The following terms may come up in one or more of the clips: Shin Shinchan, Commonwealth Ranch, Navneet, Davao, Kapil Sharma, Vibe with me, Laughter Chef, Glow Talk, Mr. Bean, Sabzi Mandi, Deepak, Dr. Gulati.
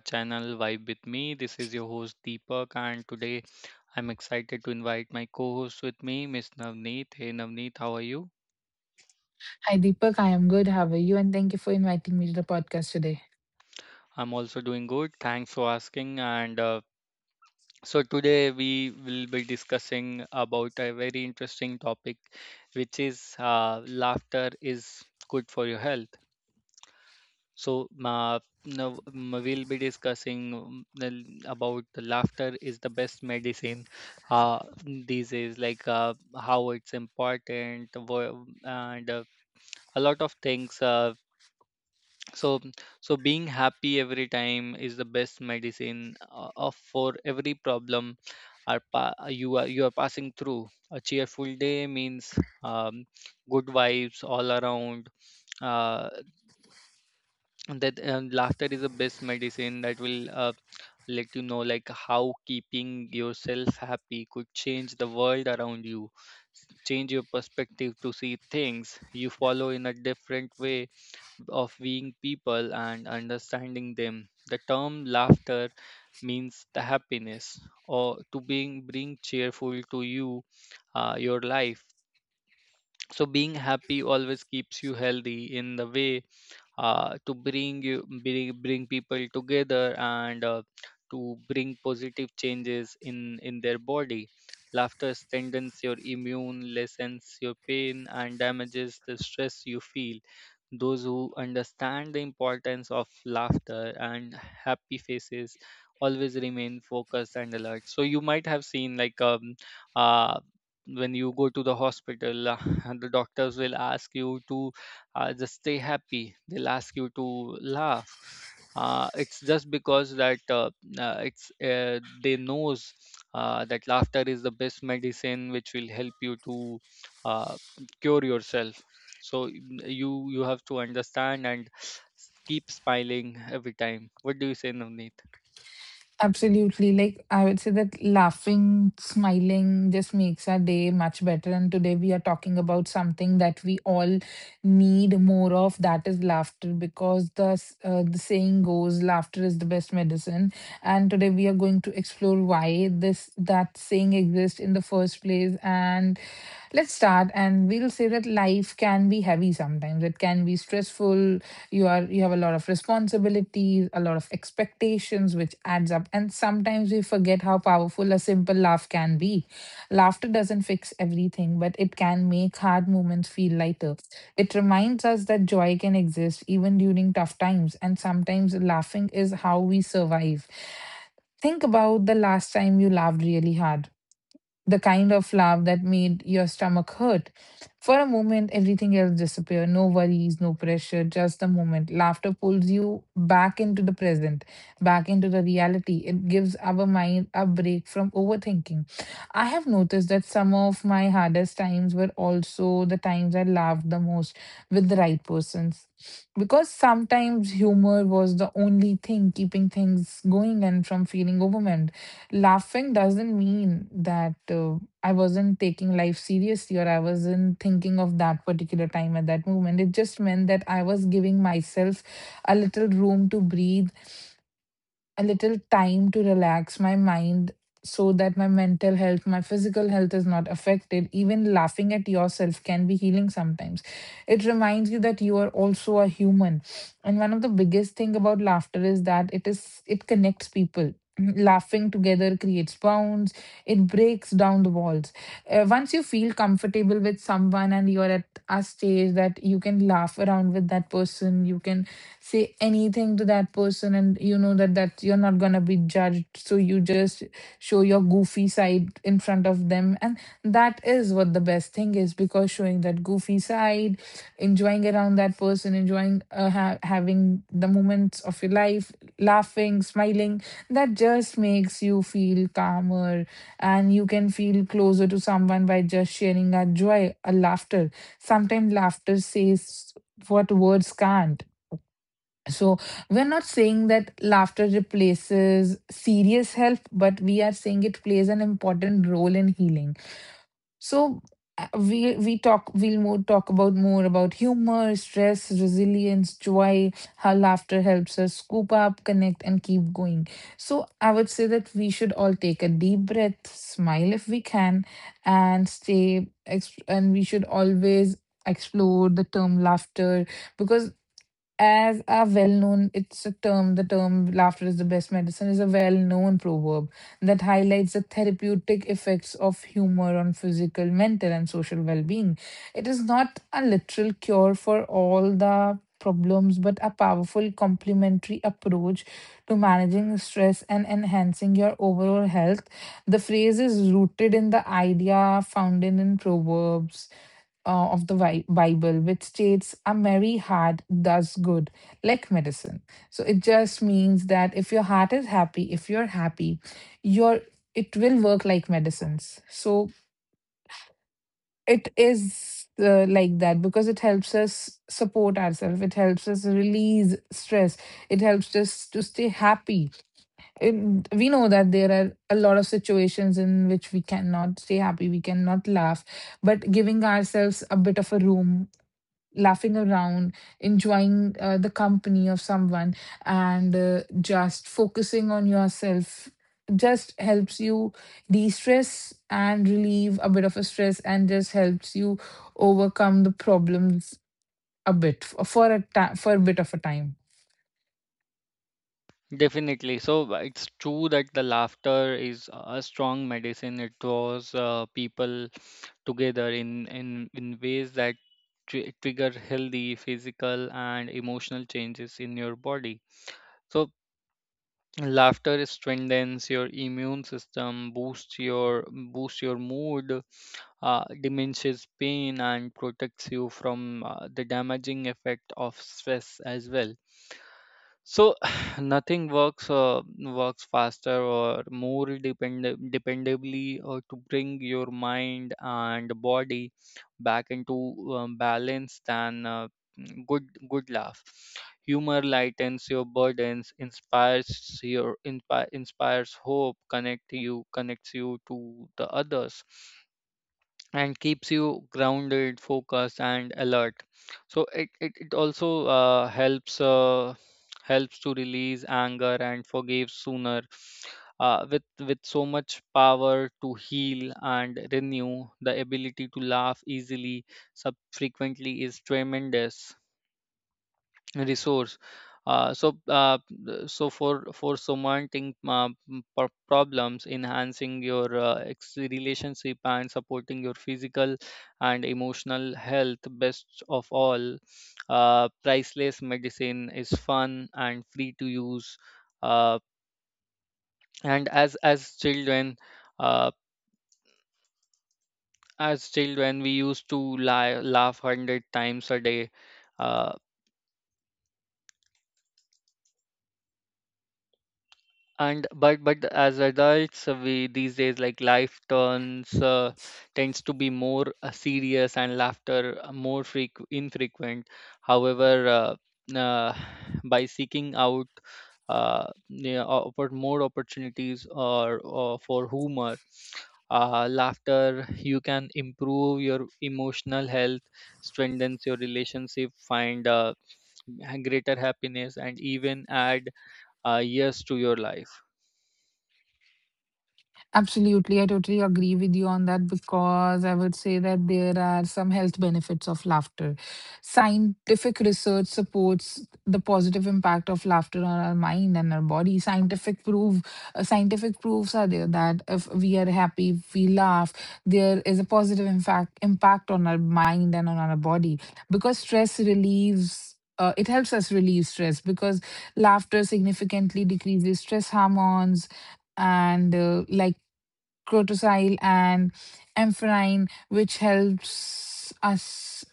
channel Vibe with me. This is your host Deepak and today I'm excited to invite my co-host with me, Miss Navneet. Hey Navneet, how are you? Hi, Deepak. I am good. How are you? And thank you for inviting me to the podcast today. I'm also doing good. Thanks for asking and so today we will be discussing about a very interesting topic which is laughter is good for your health. So, now we'll be discussing about the laughter is the best medicine uh, these days, like how it's important and a lot of things. So, so being happy every time is the best medicine of for every problem are you are passing through. A cheerful day means um, good vibes all around uh, that laughter is the best medicine that will let you know like how keeping yourself happy could change the world around you change your perspective to see things you follow in a different way of being people and understanding them. The term laughter means the happiness or to being bring cheerful to you, your life, so being happy always keeps you healthy in the way to bring people together and to bring positive changes in their body. Laughter strengthens your immune, lessens your pain, and damages the stress you feel. Those who understand the importance of laughter and happy faces always remain focused and alert. So you might have seen, like, uh when you go to the hospital the doctors will ask you to just stay happy, they'll ask you to laugh, it's just because that it's they knows that laughter is the best medicine which will help you to uh, cure yourself, so you have to understand and keep smiling every time. What do you say, Navneet? Absolutely. Like, I would say that laughing, smiling just makes our day much better. And today we are talking about something that we all need more of, that is laughter, because the saying goes, laughter is the best medicine. And today we are going to explore why this that saying exists in the first place. And let's start, and we'll say that life can be heavy sometimes. It can be stressful. You have a lot of responsibilities, a lot of expectations, which adds up. And sometimes we forget how powerful a simple laugh can be. Laughter doesn't fix everything, but it can make hard moments feel lighter. It reminds us that joy can exist even during tough times, and sometimes laughing is how we survive. Think about the last time you laughed really hard, the kind of laugh that made your stomach hurt. For a moment, everything else disappeared. No worries, no pressure, just the moment. Laughter pulls you back into the present, back into the reality. It gives our mind a break from overthinking. I have noticed that some of my hardest times were also the times I laughed the most with the right persons, because sometimes humor was the only thing keeping things going and from feeling overwhelmed. Laughing doesn't mean that I wasn't taking life seriously or I wasn't thinking of that particular time at that moment. It just meant that I was giving myself a little room to breathe, a little time to relax my mind so that my mental health, my physical health is not affected. Even laughing at yourself can be healing sometimes. It reminds you that you are also a human. And one of the biggest thing about laughter is that it connects people. Laughing together creates bonds. It breaks down the walls. Once you feel comfortable with someone and you're at a stage that you can laugh around with that person, you can say anything to that person, and you know that you're not gonna be judged. So you just show your goofy side in front of them, and that is what the best thing is, because showing that goofy side, enjoying around that person, enjoying having the moments of your life, laughing, smiling, that just makes you feel calmer, and you can feel closer to someone by just sharing a joy, a laughter. Sometimes laughter says what words can't. So we're not saying that laughter replaces serious help, but we are saying it plays an important role in healing. So we talk we'll more talk about more about humor, stress, resilience, joy, how laughter helps us scoop up, connect, and keep going. So I would say that we should all take a deep breath, smile if we can, and we should always explore the term laughter, because as a well-known, it's a term, the term laughter is the best medicine is a well-known proverb that highlights the therapeutic effects of humor on physical, mental, and social well-being. It is not a literal cure for all the problems, but a powerful complementary approach to managing stress and enhancing your overall health. The phrase is rooted in the idea found in proverbs of the Bible, which states, a merry heart does good, like medicine. So it just means that if your heart is happy, if you're happy, your it will work like medicines. So it is like that, because it helps us support ourselves, it helps us release stress, it helps us to stay happy. And we know that there are a lot of situations in which we cannot stay happy, we cannot laugh, but giving ourselves a bit of a room, laughing around, enjoying the company of someone, and just focusing on yourself just helps you de stress and relieve a bit of a stress and just helps you overcome the problems a bit for a bit of a time. Definitely. So it's true that the laughter is a strong medicine. It draws people together in ways that trigger healthy physical and emotional changes in your body. So laughter strengthens your immune system, boosts your mood, diminishes pain, and protects you from the damaging effect of stress as well. So nothing works faster or more dependably to bring your mind and body back into balance than good laugh. Humor lightens your burdens, inspires hope, connects you to the others, and keeps you grounded, focused, and alert. So it also helps to release anger and forgive sooner. With so much power to heal and renew, the ability to laugh easily, frequently is tremendous resource. Uh, so, uh, so for surmounting problems, enhancing your relationship and supporting your physical and emotional health, best of all, priceless medicine is fun and free to use. Uh, and uh, as children, we used to lie, laugh 100 times a day. Uh, And but as adults, we these days, like, life turns tends to be more serious and laughter more freq infrequent. However, uh, by seeking out, yeah, more opportunities or for humor, laughter, you can improve your emotional health, strengthens your relationship, find greater happiness, and even add years to your life. Absolutely. I totally agree with you on that, because I would say that there are some health benefits of laughter. Scientific research supports the positive impact of laughter on our mind and our body. Scientific proof, scientific proofs are there that if we are happy, if we laugh, there is a positive impact on our mind and on our body, because stress relieves it helps us relieve stress, because laughter significantly decreases stress hormones and like cortisol and amphetamine, which helps us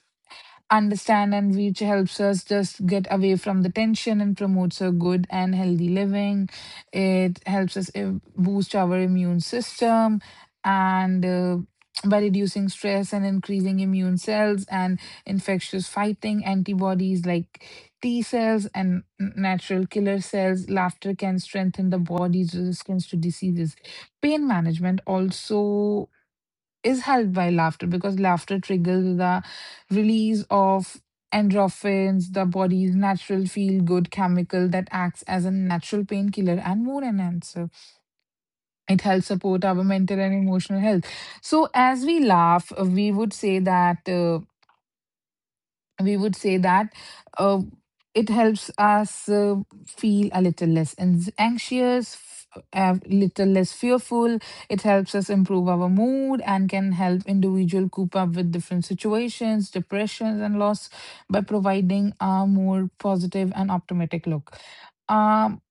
understand and which helps us just get away from the tension and promotes a good and healthy living. It helps us boost our immune system and by reducing stress and increasing immune cells and infectious fighting antibodies like T cells and natural killer cells, laughter can strengthen the body's resistance to diseases. Pain management also is helped by laughter, because laughter triggers the release of endorphins, the body's natural feel good chemical that acts as a natural painkiller and mood enhancer. It helps support our mental and emotional health. So, as we laugh, we would say that uh, it helps us feel a little less anxious, a little less fearful. It helps us improve our mood and can help individual cope up with different situations, depressions, and loss by providing a more positive and optimistic look. Um,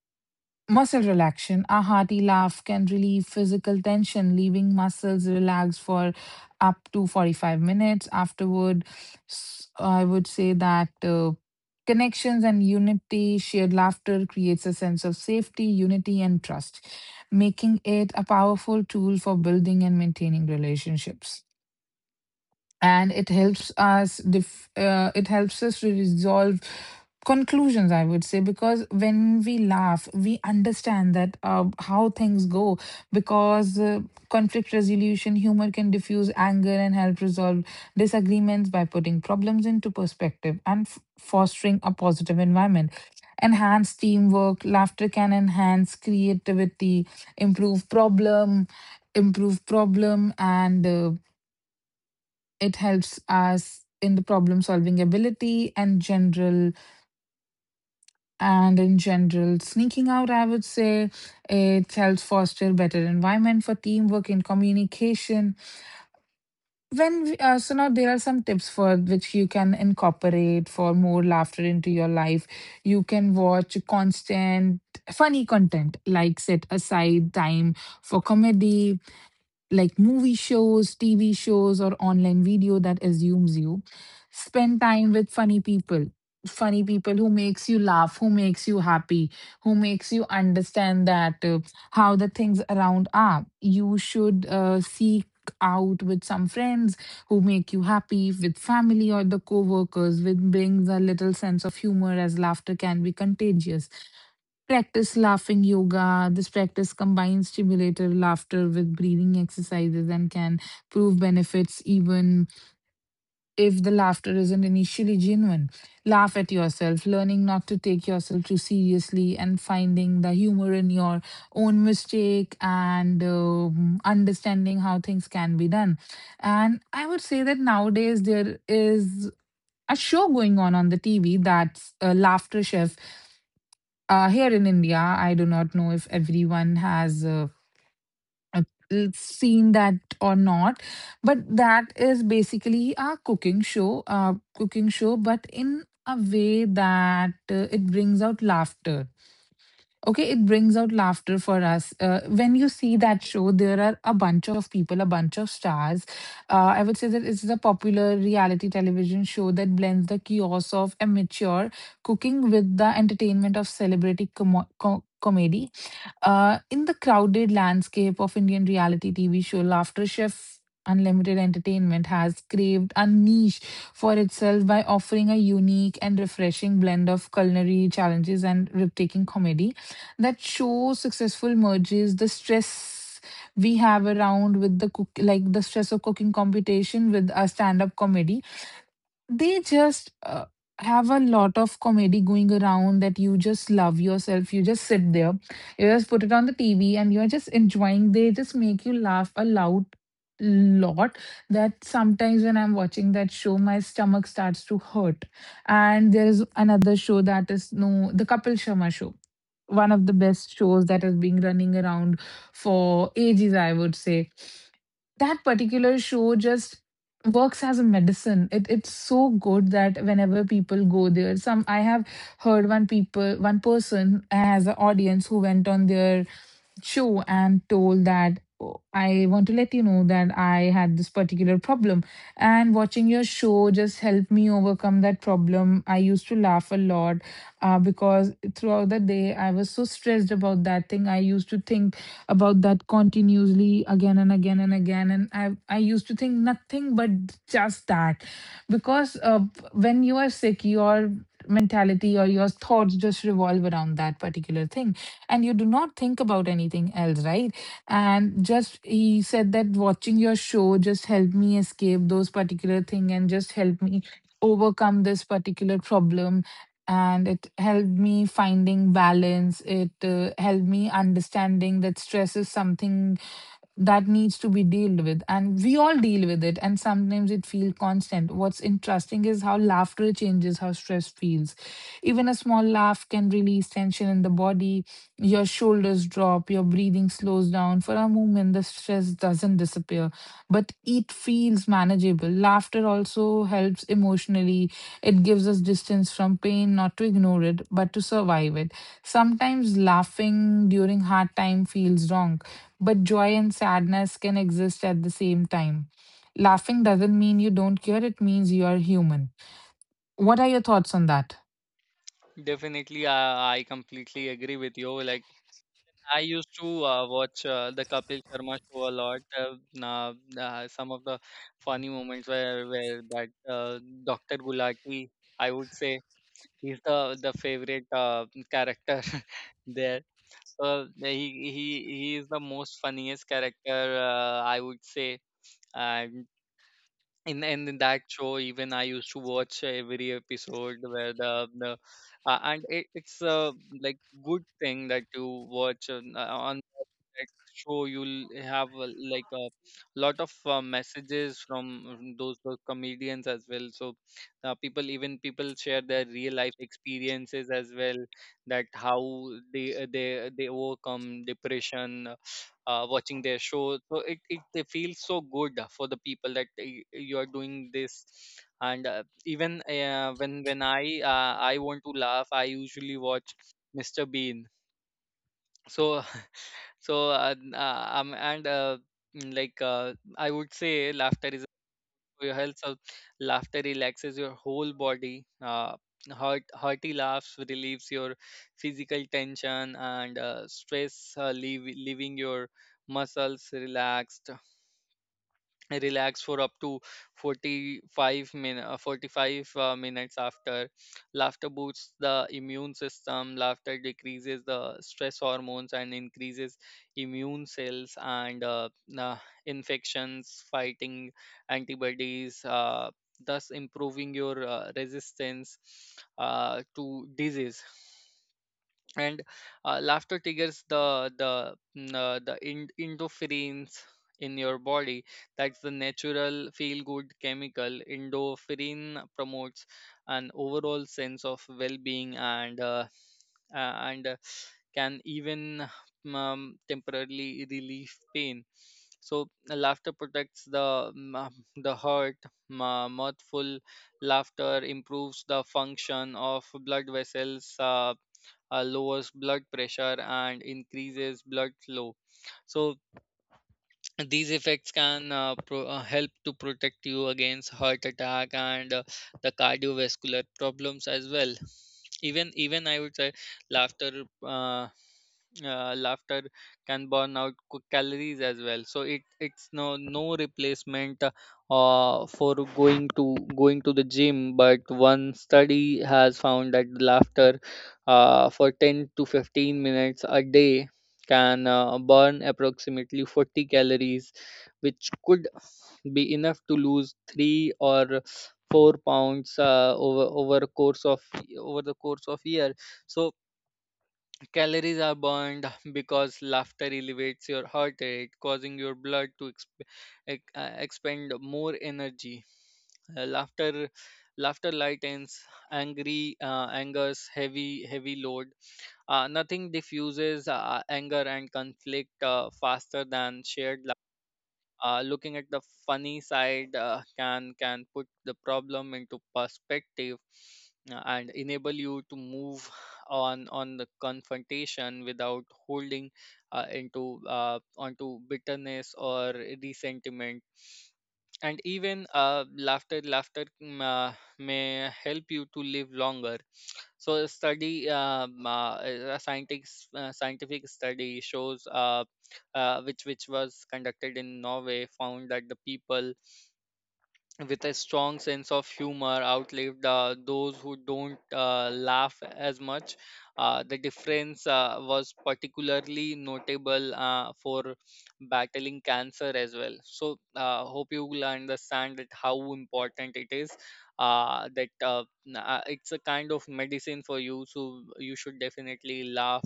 Muscle relaxation. A hearty laugh can relieve physical tension, leaving muscles relaxed for up to 45 minutes afterward. I would say that connections and unity, shared laughter creates a sense of safety, unity, and trust, making it a powerful tool for building and maintaining relationships. And it helps us it helps us to resolve conclusions, I would say, because when we laugh we understand that how things go, because conflict resolution humor can diffuse anger and help resolve disagreements by putting problems into perspective and fostering a positive environment. Enhance teamwork. Laughter can enhance creativity, improve problem improve problem and it helps us in the problem solving ability and general, and in general sneaking out, I would say. It helps foster better environment for teamwork and communication. So now there are some tips for which you can incorporate for more laughter into your life. You can watch constant funny content, like set aside time for comedy like movie shows, TV shows, or online video that assumes you. Spend time with funny people. Funny people who makes you laugh, who makes you happy, who makes you understand that how the things around are. You should seek out with some friends who make you happy, with family or the co-workers, which brings a little sense of humor, as laughter can be contagious. Practice laughing yoga. This practice combines stimulator laughter with breathing exercises and can prove benefits even if the laughter isn't initially genuine. Laugh at yourself, learning not to take yourself too seriously, and finding the humor in your own mistake and understanding how things can be done. And I would say that nowadays there is a show going on the TV, that's a laughter chef here in India. I do not know if everyone has uh, seen that or not, but that is basically a cooking show, but in a way that it brings out laughter. Okay, it brings out laughter for us. When you see that show, there are a bunch of people, a bunch of stars. I would say that it's a popular reality television show that blends the chaos of amateur cooking with the entertainment of celebrity comedy. In the crowded landscape of Indian reality TV show, Laughter Chef Unlimited Entertainment has craved a niche for itself by offering a unique and refreshing blend of culinary challenges and rip-taking comedy. That show successful merges the stress we have around with the cook, like the stress of cooking competition with a stand-up comedy. They just have a lot of comedy going around that you just love yourself. You just sit there, you just put it on the TV, and you're just enjoying. They just make you laugh a loud lot, that sometimes when I'm watching that show, my stomach starts to hurt. And there is another show, that is, no, the Kapil Sharma show. One of the best shows that is being running around for ages, I would say that particular show just works as a medicine. It's so good that whenever people go there, some, I have heard one person as an audience who went on there show and told that, "Oh, I want to let you know that I had this particular problem. And watching your show just helped me overcome that problem. I used to laugh a lot because throughout the day I was so stressed about that thing. I used to think about that continuously again and again and again. And I used to think nothing but just that. Because when you are sick, your mentality or your thoughts just revolve around that particular thing and you do not think about anything else, right? And just he said that watching your show just helped me escape those particular thing and just helped me overcome this particular problem, and it helped me finding balance. It helped me understanding that stress is something that needs to be dealt with, and we all deal with it and sometimes it feels constant. What's interesting is how laughter changes how stress feels. Even a small laugh can release tension in the body. Your shoulders drop, your breathing slows down. For a moment, the stress doesn't disappear, but it feels manageable. Laughter also helps emotionally. It gives us distance from pain, not to ignore it, but to survive it. Sometimes laughing during hard time feels wrong, but joy and sadness can exist at the same time. Laughing doesn't mean you don't care, it means you are human. What are your thoughts on that? Definitely, I completely agree with you. Like, I used to watch the Kapil Sharma Show a lot. Nah, nah, some of the funny moments where that Dr. Gulati, I would say, he's the favorite character there. So he is the most funniest character, I would say, in that show. Even I used to watch every episode where the and it's a, like, good thing that you watch on that show, you'll have like, a lot of messages from those comedians as well, so people, even people, share their real life experiences as well, that how they overcome depression watching their show. So it they feel so good, for the people that you are doing this. And even when I want to laugh, I usually watch Mr. Bean. So so, like, I would say laughter is for your health. So laughter relaxes your whole body. Hearty laughs relieves your physical tension and stress, leaving your muscles relaxed relax for up to 45 minutes after. Laughter boosts the immune system. Laughter decreases the stress hormones and increases immune cells and uh, infections fighting antibodies, thus improving your resistance to disease. And laughter triggers the endorphins in your body. That's the natural feel good chemical. Endorphin promotes an overall sense of well-being and uh, and uh, can even temporarily relieve pain. So laughter protects the heart. Mirthful laughter improves the function of blood vessels, lowers blood pressure and increases blood flow. So these effects can help to protect you against heart attack and the cardiovascular problems as well. Even I would say laughter, uh, laughter can burn out calories as well. So it's no replacement for going to the gym. But one study has found that laughter, for 10 to 15 minutes a day, can burn approximately 40 calories, which could be enough to lose 3 or 4 pounds over the course of year, so calories are burned because laughter elevates your heart rate, causing your blood to expend more energy. Uh, laughter, laughter lightens angry anger's heavy load. Nothing diffuses anger and conflict faster than shared, looking at the funny side can put the problem into perspective, and enable you to move on the confrontation without holding into onto bitterness or resentment. And even laughter may help you to live longer. So a study a scientific s- scientific study, shows which was conducted in Norway, found that the people with a strong sense of humor outlived those who don't laugh as much. The difference was particularly notable for battling cancer as well. So, hope you will understand that how important it is. It's a kind of medicine for you, so you should definitely laugh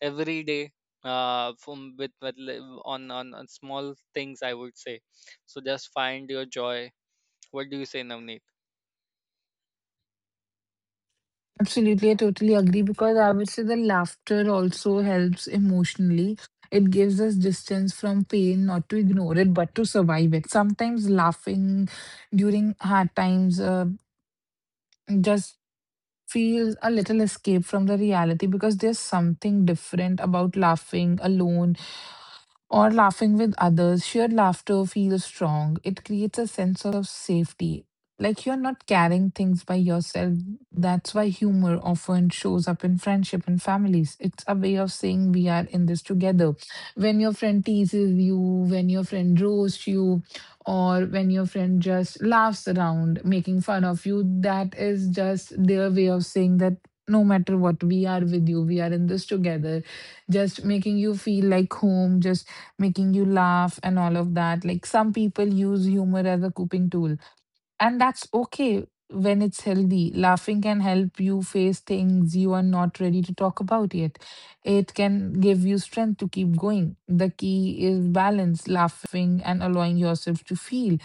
every day. From with li- on small things, I would say. So just find your joy. What do you say, Navneet? Absolutely, I totally agree, because I would say the laughter also helps emotionally. It gives us distance from pain, not to ignore it, but to survive it. Sometimes laughing during hard times just feels a little escape from the reality, because there's something different about laughing alone or laughing with others. Shared laughter feels strong. It creates a sense of safety. Like you're not carrying things by yourself. That's why humor often shows up in friendship and families. It's a way of saying we are in this together. When your friend teases you, when your friend roasts you, or when your friend just laughs around, making fun of you, that is just their way of saying that no matter what, we are with you, we are in this together, just making you feel like home, just making you laugh and all of that. Like, some people use humor as a coping tool, and that's okay when it's healthy. Laughing can help you face things you are not ready to talk about yet. It can give you strength to keep going. The key is balance, laughing and allowing yourself to feel.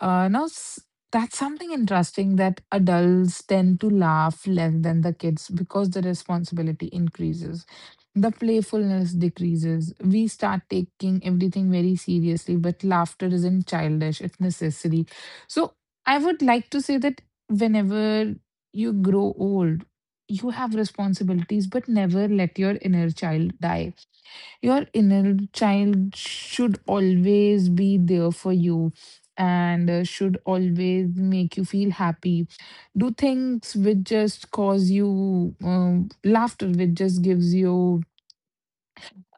Now, that's something interesting, that adults tend to laugh less than the kids because the responsibility increases. The playfulness decreases. We start taking everything very seriously, but laughter isn't childish, it's necessary. So, I would like to say that whenever you grow old, you have responsibilities, but never let your inner child die. Your inner child should always be there for you, and should always make you feel happy. Do things which just cause you laughter, which just gives you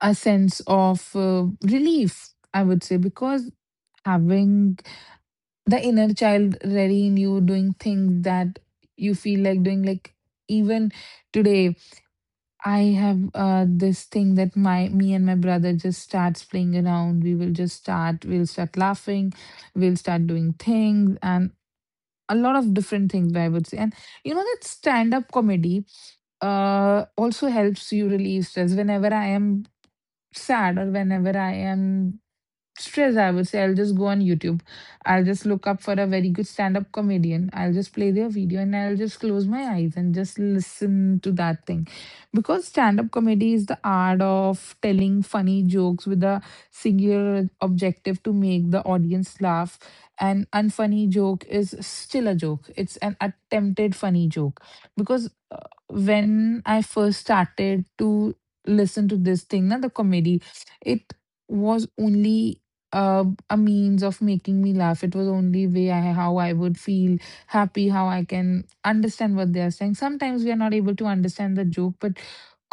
a sense of relief, I would say, because having the inner child ready in you, doing things that you feel like doing, like even today. I have this thing that my me and my brother just starts playing around. We will just start. We'll start laughing. We'll start doing things and a lot of different things, I would say. And you know that stand up comedy also helps you release stress. Whenever I am sad or whenever I am stress, I would say, I'll just go on YouTube, I'll just look up for a very good stand-up comedian, I'll just play their video, and I'll just close my eyes and just listen to that thing. Because stand-up comedy is the art of telling funny jokes with a singular objective to make the audience laugh. An unfunny joke is still a joke, it's an attempted funny joke. Because when I first started to listen to this thing na, the comedy, it was only a means of making me laugh. It was only way I, how I would feel happy, how I can understand what they are saying. Sometimes we are not able to understand the joke, but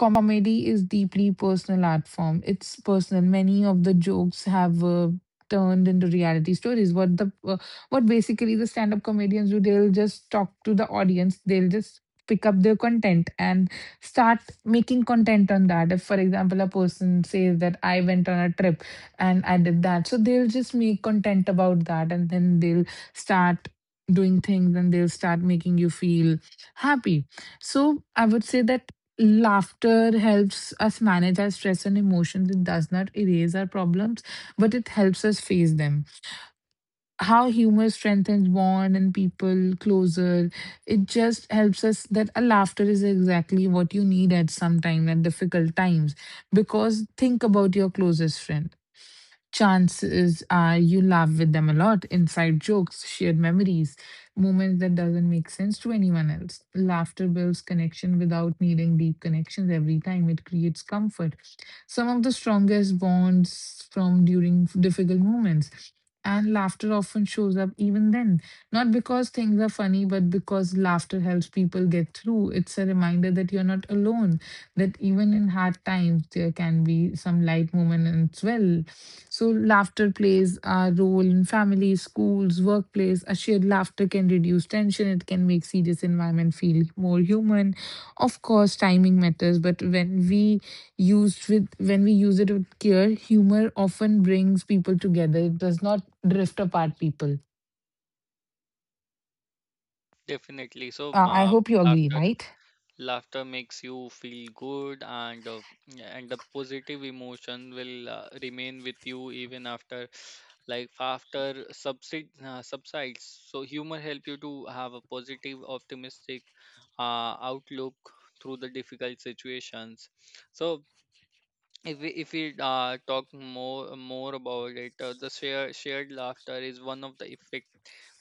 comedy is deeply personal art form. It's personal. Many of the jokes have turned into reality stories. What the what basically the stand up comedians do? They'll just talk to the audience. They'll just pick up their content and start making content on that. If, for example, a person says that I went on a trip and I did that, so they'll just make content about that, and then they'll start doing things and they'll start making you feel happy. So I would say that laughter helps us manage our stress and emotions. It does not erase our problems, but it helps us face them. How humor strengthens bond and people closer. It just helps us, that a laughter is exactly what you need at some time, at difficult times. Because think about your closest friend, chances you laugh with them a lot, inside jokes, shared memories, moments that doesn't make sense to anyone else. Laughter builds connection without needing deep connections every time. It creates comfort. Some of the strongest bonds from during difficult moments. And laughter often shows up even then, not because things are funny, but because laughter helps people get through. It's a reminder that you're not alone, that even in hard times, there can be some light moments as well. So, laughter plays a role in families, schools, workplace. A shared laughter can reduce tension, it can make serious environment feel more human. Of course, timing matters, but when we use it with care, humor often brings people together. It does not drift apart people. Definitely. So, I hope you agree, laughter, right? laughter makes you feel good, and the positive emotion will remain with you even after, like, after subsides. So, humor help you to have a positive, optimistic outlook through the difficult situations. So, if we talk more about it, the shared laughter is one of the effect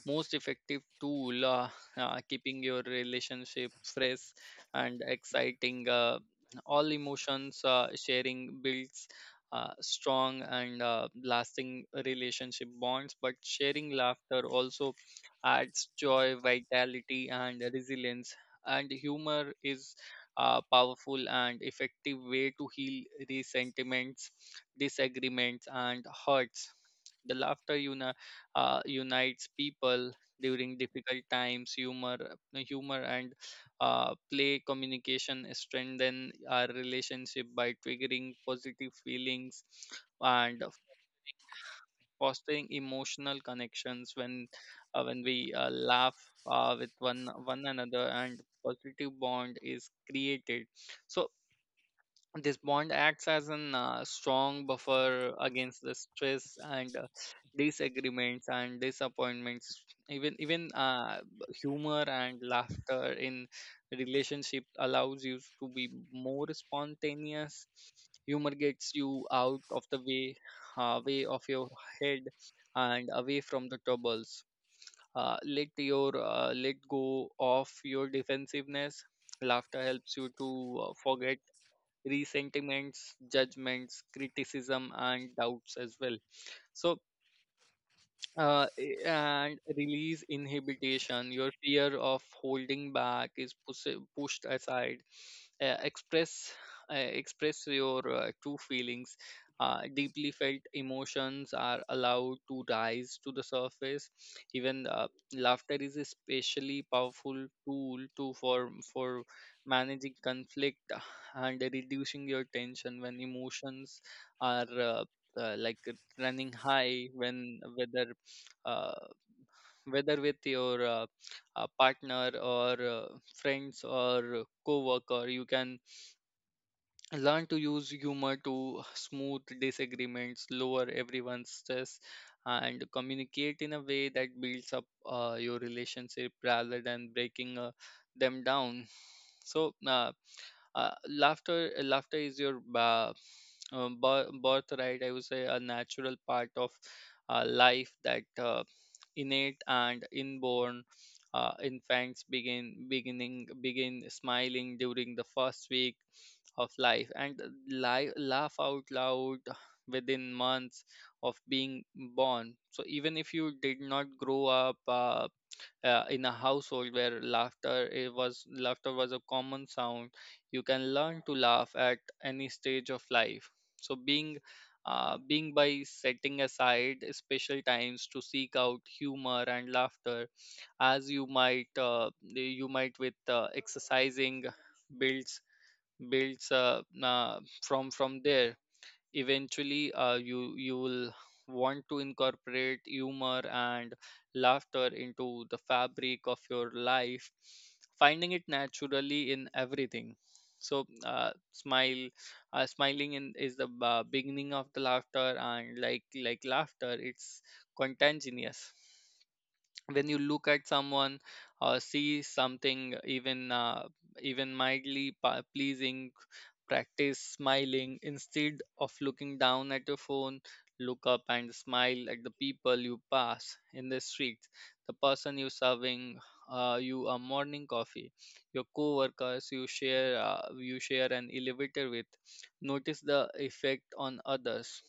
most effective tool, keeping your relationship fresh and exciting, all emotions sharing builds strong and lasting relationship bonds, but sharing laughter also adds joy, vitality and resilience. And humor is powerful and effective way to heal resentments, disagreements, and hurts. The laughter unites people during difficult times. Humor and play communication strengthen our relationship by triggering positive feelings and fostering emotional connections. When we laugh with one another and positive bond is created, so this bond acts as a strong buffer against the stress and disagreements and disappointments. Even humor and laughter in relationship allows you to be more spontaneous. Humor gets you out of the way of your head and away from the troubles, let go of your defensiveness. Laughter helps you to forget resentiments, judgments, criticism, and doubts as well. So, and release inhibition. Your fear of holding back is pushed aside. Uh, express express your true feelings. Deeply felt emotions are allowed to rise to the surface. Even laughter is especially powerful tool to for managing conflict and reducing your tension when emotions are like running high, when whether uh, whether with your partner or friends or co-worker. You can learn to use humor to smooth disagreements, lower everyone's stress, and communicate in a way that builds up your relationship rather than breaking them down. So, laughter is your birthright. I would say a natural part of life that innate and inborn. Infants begin smiling during the first week of life, and laugh out loud within months of being born. So even if you did not grow up in a household where laughter was a common sound, you can learn to laugh at any stage of life. So, being being by setting aside special times to seek out humor and laughter, as you might with exercising, builds builds from there. Eventually you will want to incorporate humor and laughter into the fabric of your life, finding it naturally in everything. So, is the beginning of the laughter, and like laughter, it's contagious. When you look at someone or see something even mildly pleasing, practice smiling instead of looking down at your phone. Look up and smile at the people you pass in the street, the person you serving you a morning coffee, your co-workers you share an elevator with. Notice the effect on others.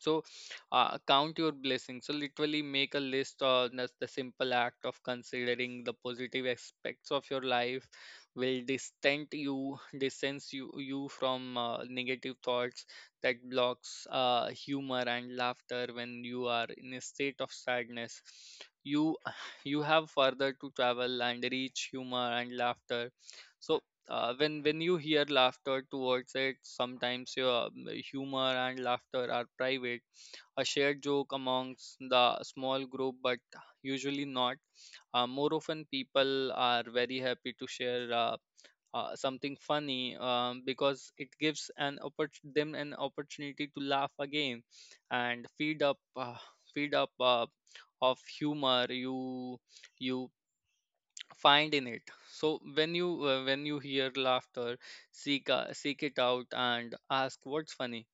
So, count your blessings. So literally make a list, or that's the simple act of considering the positive aspects of your life, will distant you distance you you from negative thoughts that blocks humor and laughter. When you are in a state of sadness, you you have further to travel and reach humor and laughter. So when you hear laughter, towards it. Sometimes your humor and laughter are private, a shared joke amongst the small group, but usually not. More often people are very happy to share something funny, because it gives an them an opportunity to laugh again and feed up of humor you find in it. So, when you hear laughter, seek it out and ask what's funny.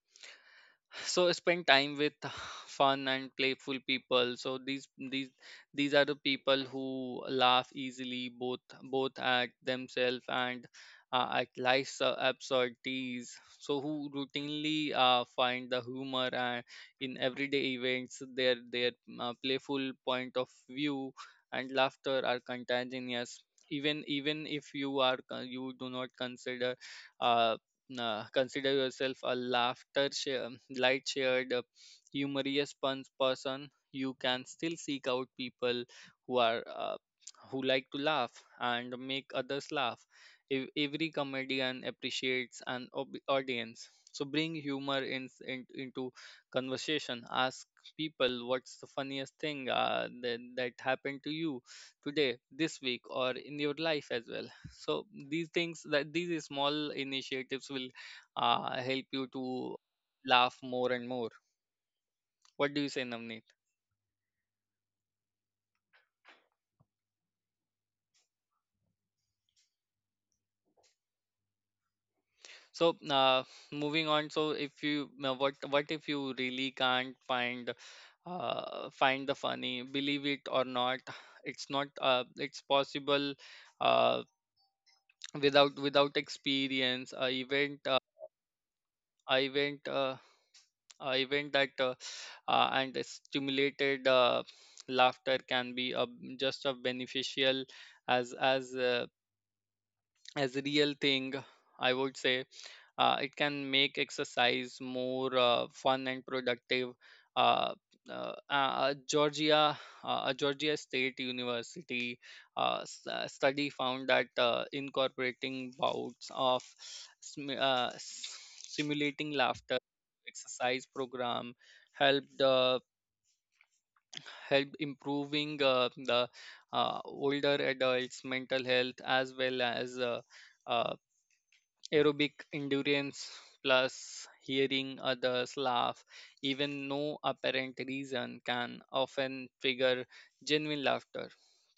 So spend time with fun and playful people. So these are the people who laugh easily, both at themselves and at life's absurdities, so who routinely find the humor in everyday events. Their playful point of view and laughter are contagious. Even if you do not uh, Nah, consider yourself a laughter share, light shared, humorous person, you can still seek out people who are who like to laugh and make others laugh. Every comedian appreciates an audience, so bring humor into conversation. Ask people, what's the funniest thing that happened to you today, this week, or in your life as well? So these things that these small initiatives will help you to laugh more and more. What do you say, Navneet? So, moving on. So if you now what if you really can't find the funny? Believe it or not, it's possible. uh, without experience a event, that and the stimulated laughter can be just a beneficial as as uh, as a real thing, I would say. It can make exercise more fun and productive. Uh, uh, uh, Georgia, uh, a Georgia State University study found that incorporating bouts of simulating laughter exercise program helped help improving the older adults' mental health, as well as uh, aerobic endurance. Plus, hearing others laugh, even no apparent reason, can often trigger genuine laughter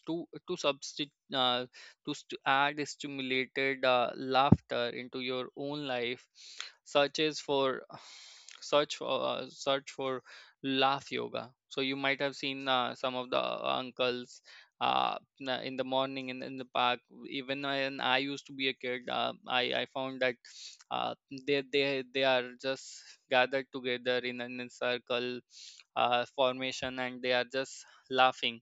to to substitute uh, to add stimulated laughter into your own life, such as for search for search for laugh yoga. So you might have seen some of the uncles in the morning, in the park. Even when I used to be a kid, I found that uh, they are just gathered together in a circle formation, and they are just laughing.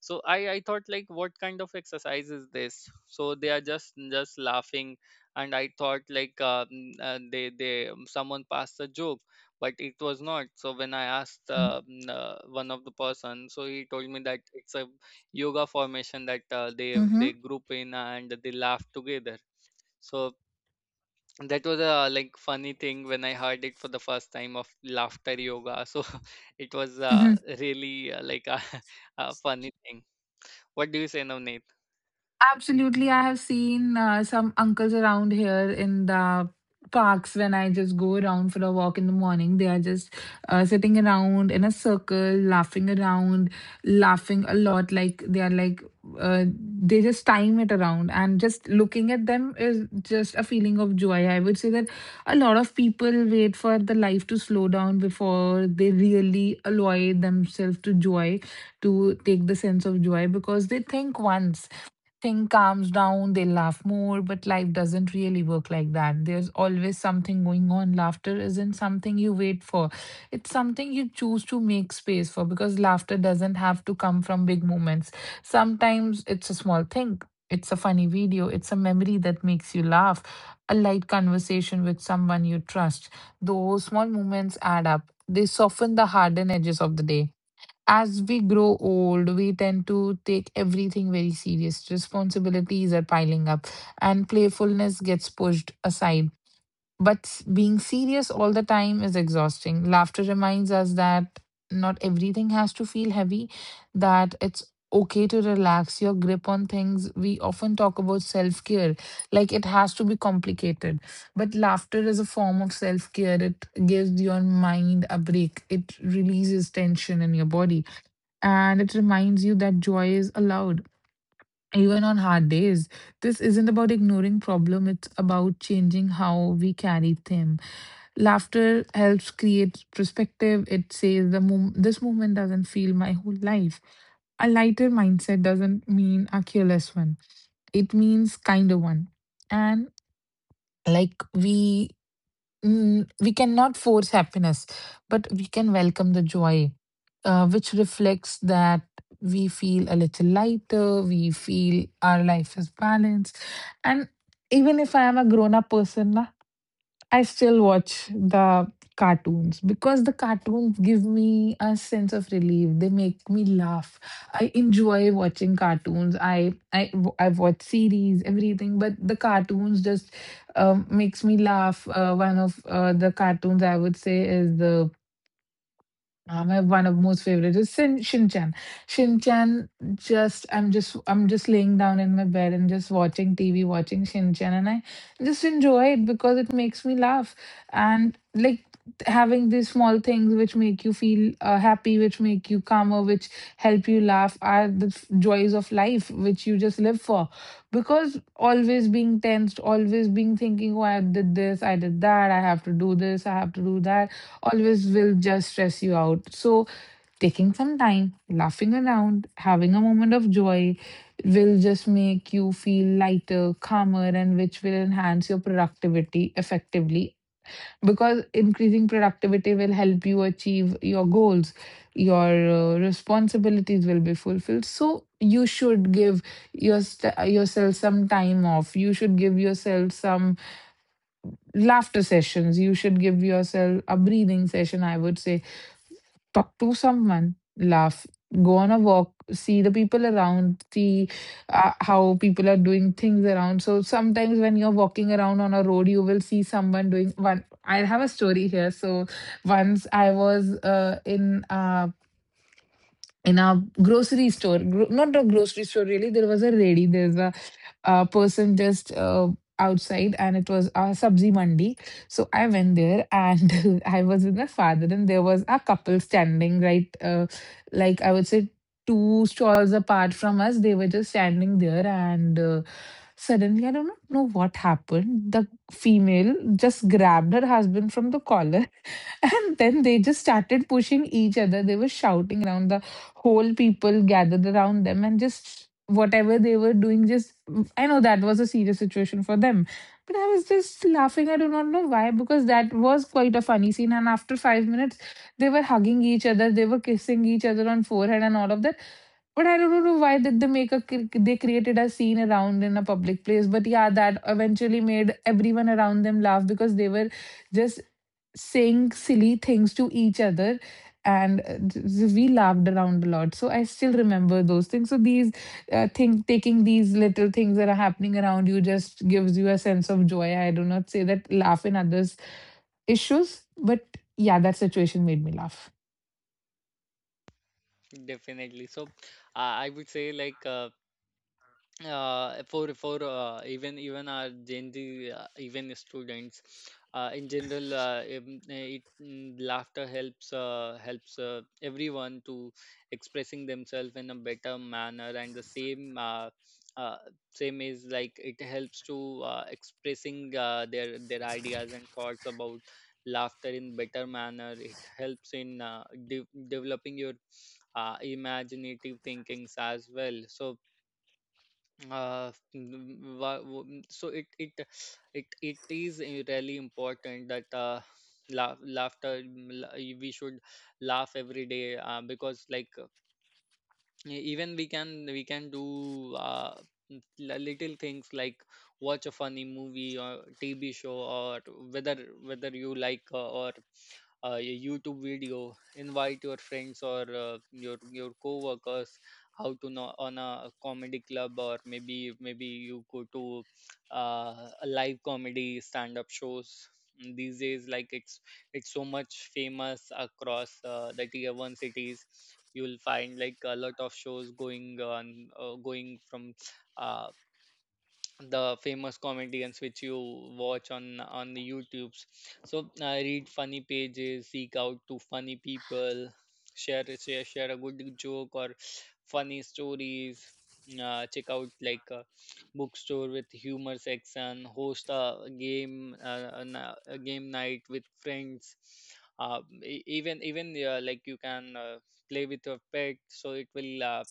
So I thought, like, what kind of exercise is this? So they are just laughing, and I thought, like, mm, they someone passed a joke, but it was not so. When I asked Mm. One of the person, so he told me that it's a yoga formation that they Mhm, group in and they laugh together. So that was a like funny thing when I heard it for the first time of laughter yoga. So it was mhm. really like a, a funny thing. What do you say now, Nate? Absolutely. I have seen some uncles around here in the parks when I just go around for a walk in the morning. They are just sitting around in a circle, laughing around, laughing a lot. Like they are uh, they just time it around. And just looking at them is just a feeling of joy. I would say that a lot of people wait for the life to slow down before they really allow themselves to joy, to take the sense of joy because they think once thing calms down, they laugh more, but life doesn't really work like that. There's always something going on. Laughter isn't something you wait for, it's something you choose to make space for, because laughter doesn't have to come from big moments. Sometimes it's a small thing. It's a funny video. It's a memory that makes you laugh, a light conversation with someone you trust. Those small moments add up. They soften the hardened edges of the day. As we grow old, we tend to take everything very serious. Responsibilities are piling up and playfulness gets pushed aside. But being serious all the time is exhausting. Laughter reminds us that not everything has to feel heavy, that it's okay to relax your grip on things. We often talk about self care, like it has to be complicated. But laughter is a form of self care. It gives your mind a break, it releases tension in your body, and it reminds you that joy is allowed even on hard days. This isn't about ignoring problem, it's about changing how we carry them. Laughter helps create perspective. It says this moment doesn't feel my whole life. A lighter mindset doesn't mean a careless one, it means kinder one. And like we we cannot force happiness, but we can welcome the joy, which reflects that we feel a little lighter, we feel our life is balanced. And even if I am a grown up person, I still watch the cartoons because the cartoons give me a sense of relief. They make me laugh. I enjoy watching cartoons. I've watched series, everything, but the cartoons just makes me laugh. One of the cartoons I would say is the my one of most favorite is Shinchan. Shinchan just I'm just laying down in my bed and just watching TV, watching Shinchan, and I just enjoy it because it makes me laugh. And like having these small things which make you feel happy, which make you calmer, which help you laugh are the joys of life which you just live for. Because always being tensed, always being thinking, oh, I did this, I did that, I have to do this, I have to do that always will just stress you out. So, taking some time, laughing around, having a moment of joy will just make you feel lighter, calmer, and which will enhance your productivity effectively. Because increasing productivity will help you achieve your goals, your responsibilities will be fulfilled. So, you should give your yourself some time off. You should give yourself some laughter sessions. You should give yourself a breathing session, I would say talk to someone, laugh, go on a walk, see the people around, see how people are doing things around. So sometimes when you're walking around on a road, you will see someone doing one. I have a story here. So once I was in a grocery store, not a grocery store really. There was a lady. There's a person just outside and it was a Sabzi Mandi. So I went there and I was with my father and there was a couple standing right, like I would say two stalls apart from us. They were just standing there and suddenly I don't know what happened. The female just grabbed her husband from the collar and then they just started pushing each other. They were shouting around. The whole people gathered around them and just whatever they were doing, just I know that was a serious situation for them. But I was just laughing. I do not know why, because that was quite a funny scene. And after 5 minutes, they were hugging each other, they were kissing each other on forehead and all of that. But I don't know why did they make a they created a scene around in a public place. But yeah, that eventually made everyone around them laugh because they were just saying silly things to each other and we laughed around a lot. So I still remember those things. So these thing, taking these little things that are happening around you just gives you a sense of joy. I do not say that laugh in others issues, but yeah, that situation made me laugh. Definitely. So I would say, like, for even our Gen Z, even students, in general, laughter helps everyone to expressing themselves in a better manner, and the uh, same is like it helps to expressing their ideas and thoughts about laughter in better manner. It helps in developing your imaginative thinkings as well. So it is really important that, laugh, laughter mm, la- we should laugh every day, because, like, even we can do n- little things, like watch a funny movie or tv show, or whether whether you like or a YouTube video. Invite your friends or your coworkers how to know on a comedy club, or maybe you go to uh, a live comedy stand-up shows. These days, like, it's so much famous across the tier one cities. You'll find, like, a lot of shows going on, going from uh, the famous comedians which you watch on the YouTubes. So, read funny pages, seek out to funny people, share a good joke or funny stories. Check out, like, a bookstore with humor section, host a game night with friends. E- even even like you can play with your pet, so it will uh,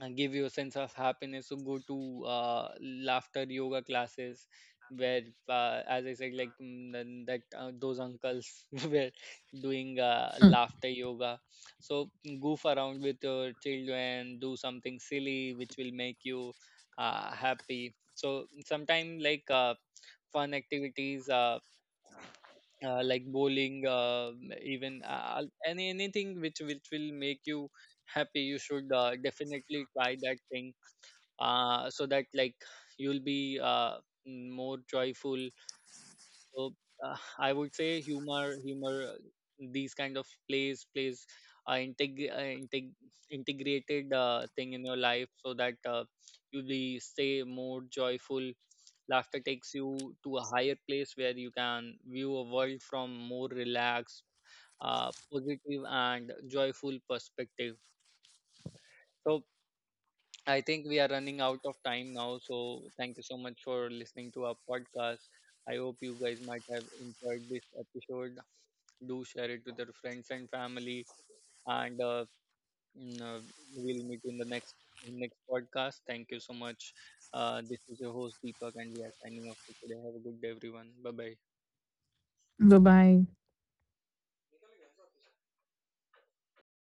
uh, give you a sense of happiness. So go to laughter yoga classes, where, as I said, like, mm, then that those uncles were doing laughter yoga. So, goof around with your children, do something silly which will make you happy. So sometimes, like, fun activities, like bowling, even anything which will make you happy, you should definitely try that thing, so that, like, you'll be more joyful. So, I would say, humor, these kind of plays uh, integ- uh, integ- integrated thing in your life, so that you'll be stay more joyful. Laughter takes you to a higher place where you can view a world from more relaxed, positive, and joyful perspective. So I think we are running out of time now. So, thank you so much for listening to our podcast. I hope you guys might have enjoyed this episode. Do share it with your friends and family. And mm, uh, we'll meet in the next podcast. Thank you so much. This is your host, Deepak, and we are signing off for today. Have a good day, everyone. Bye bye. Bye bye.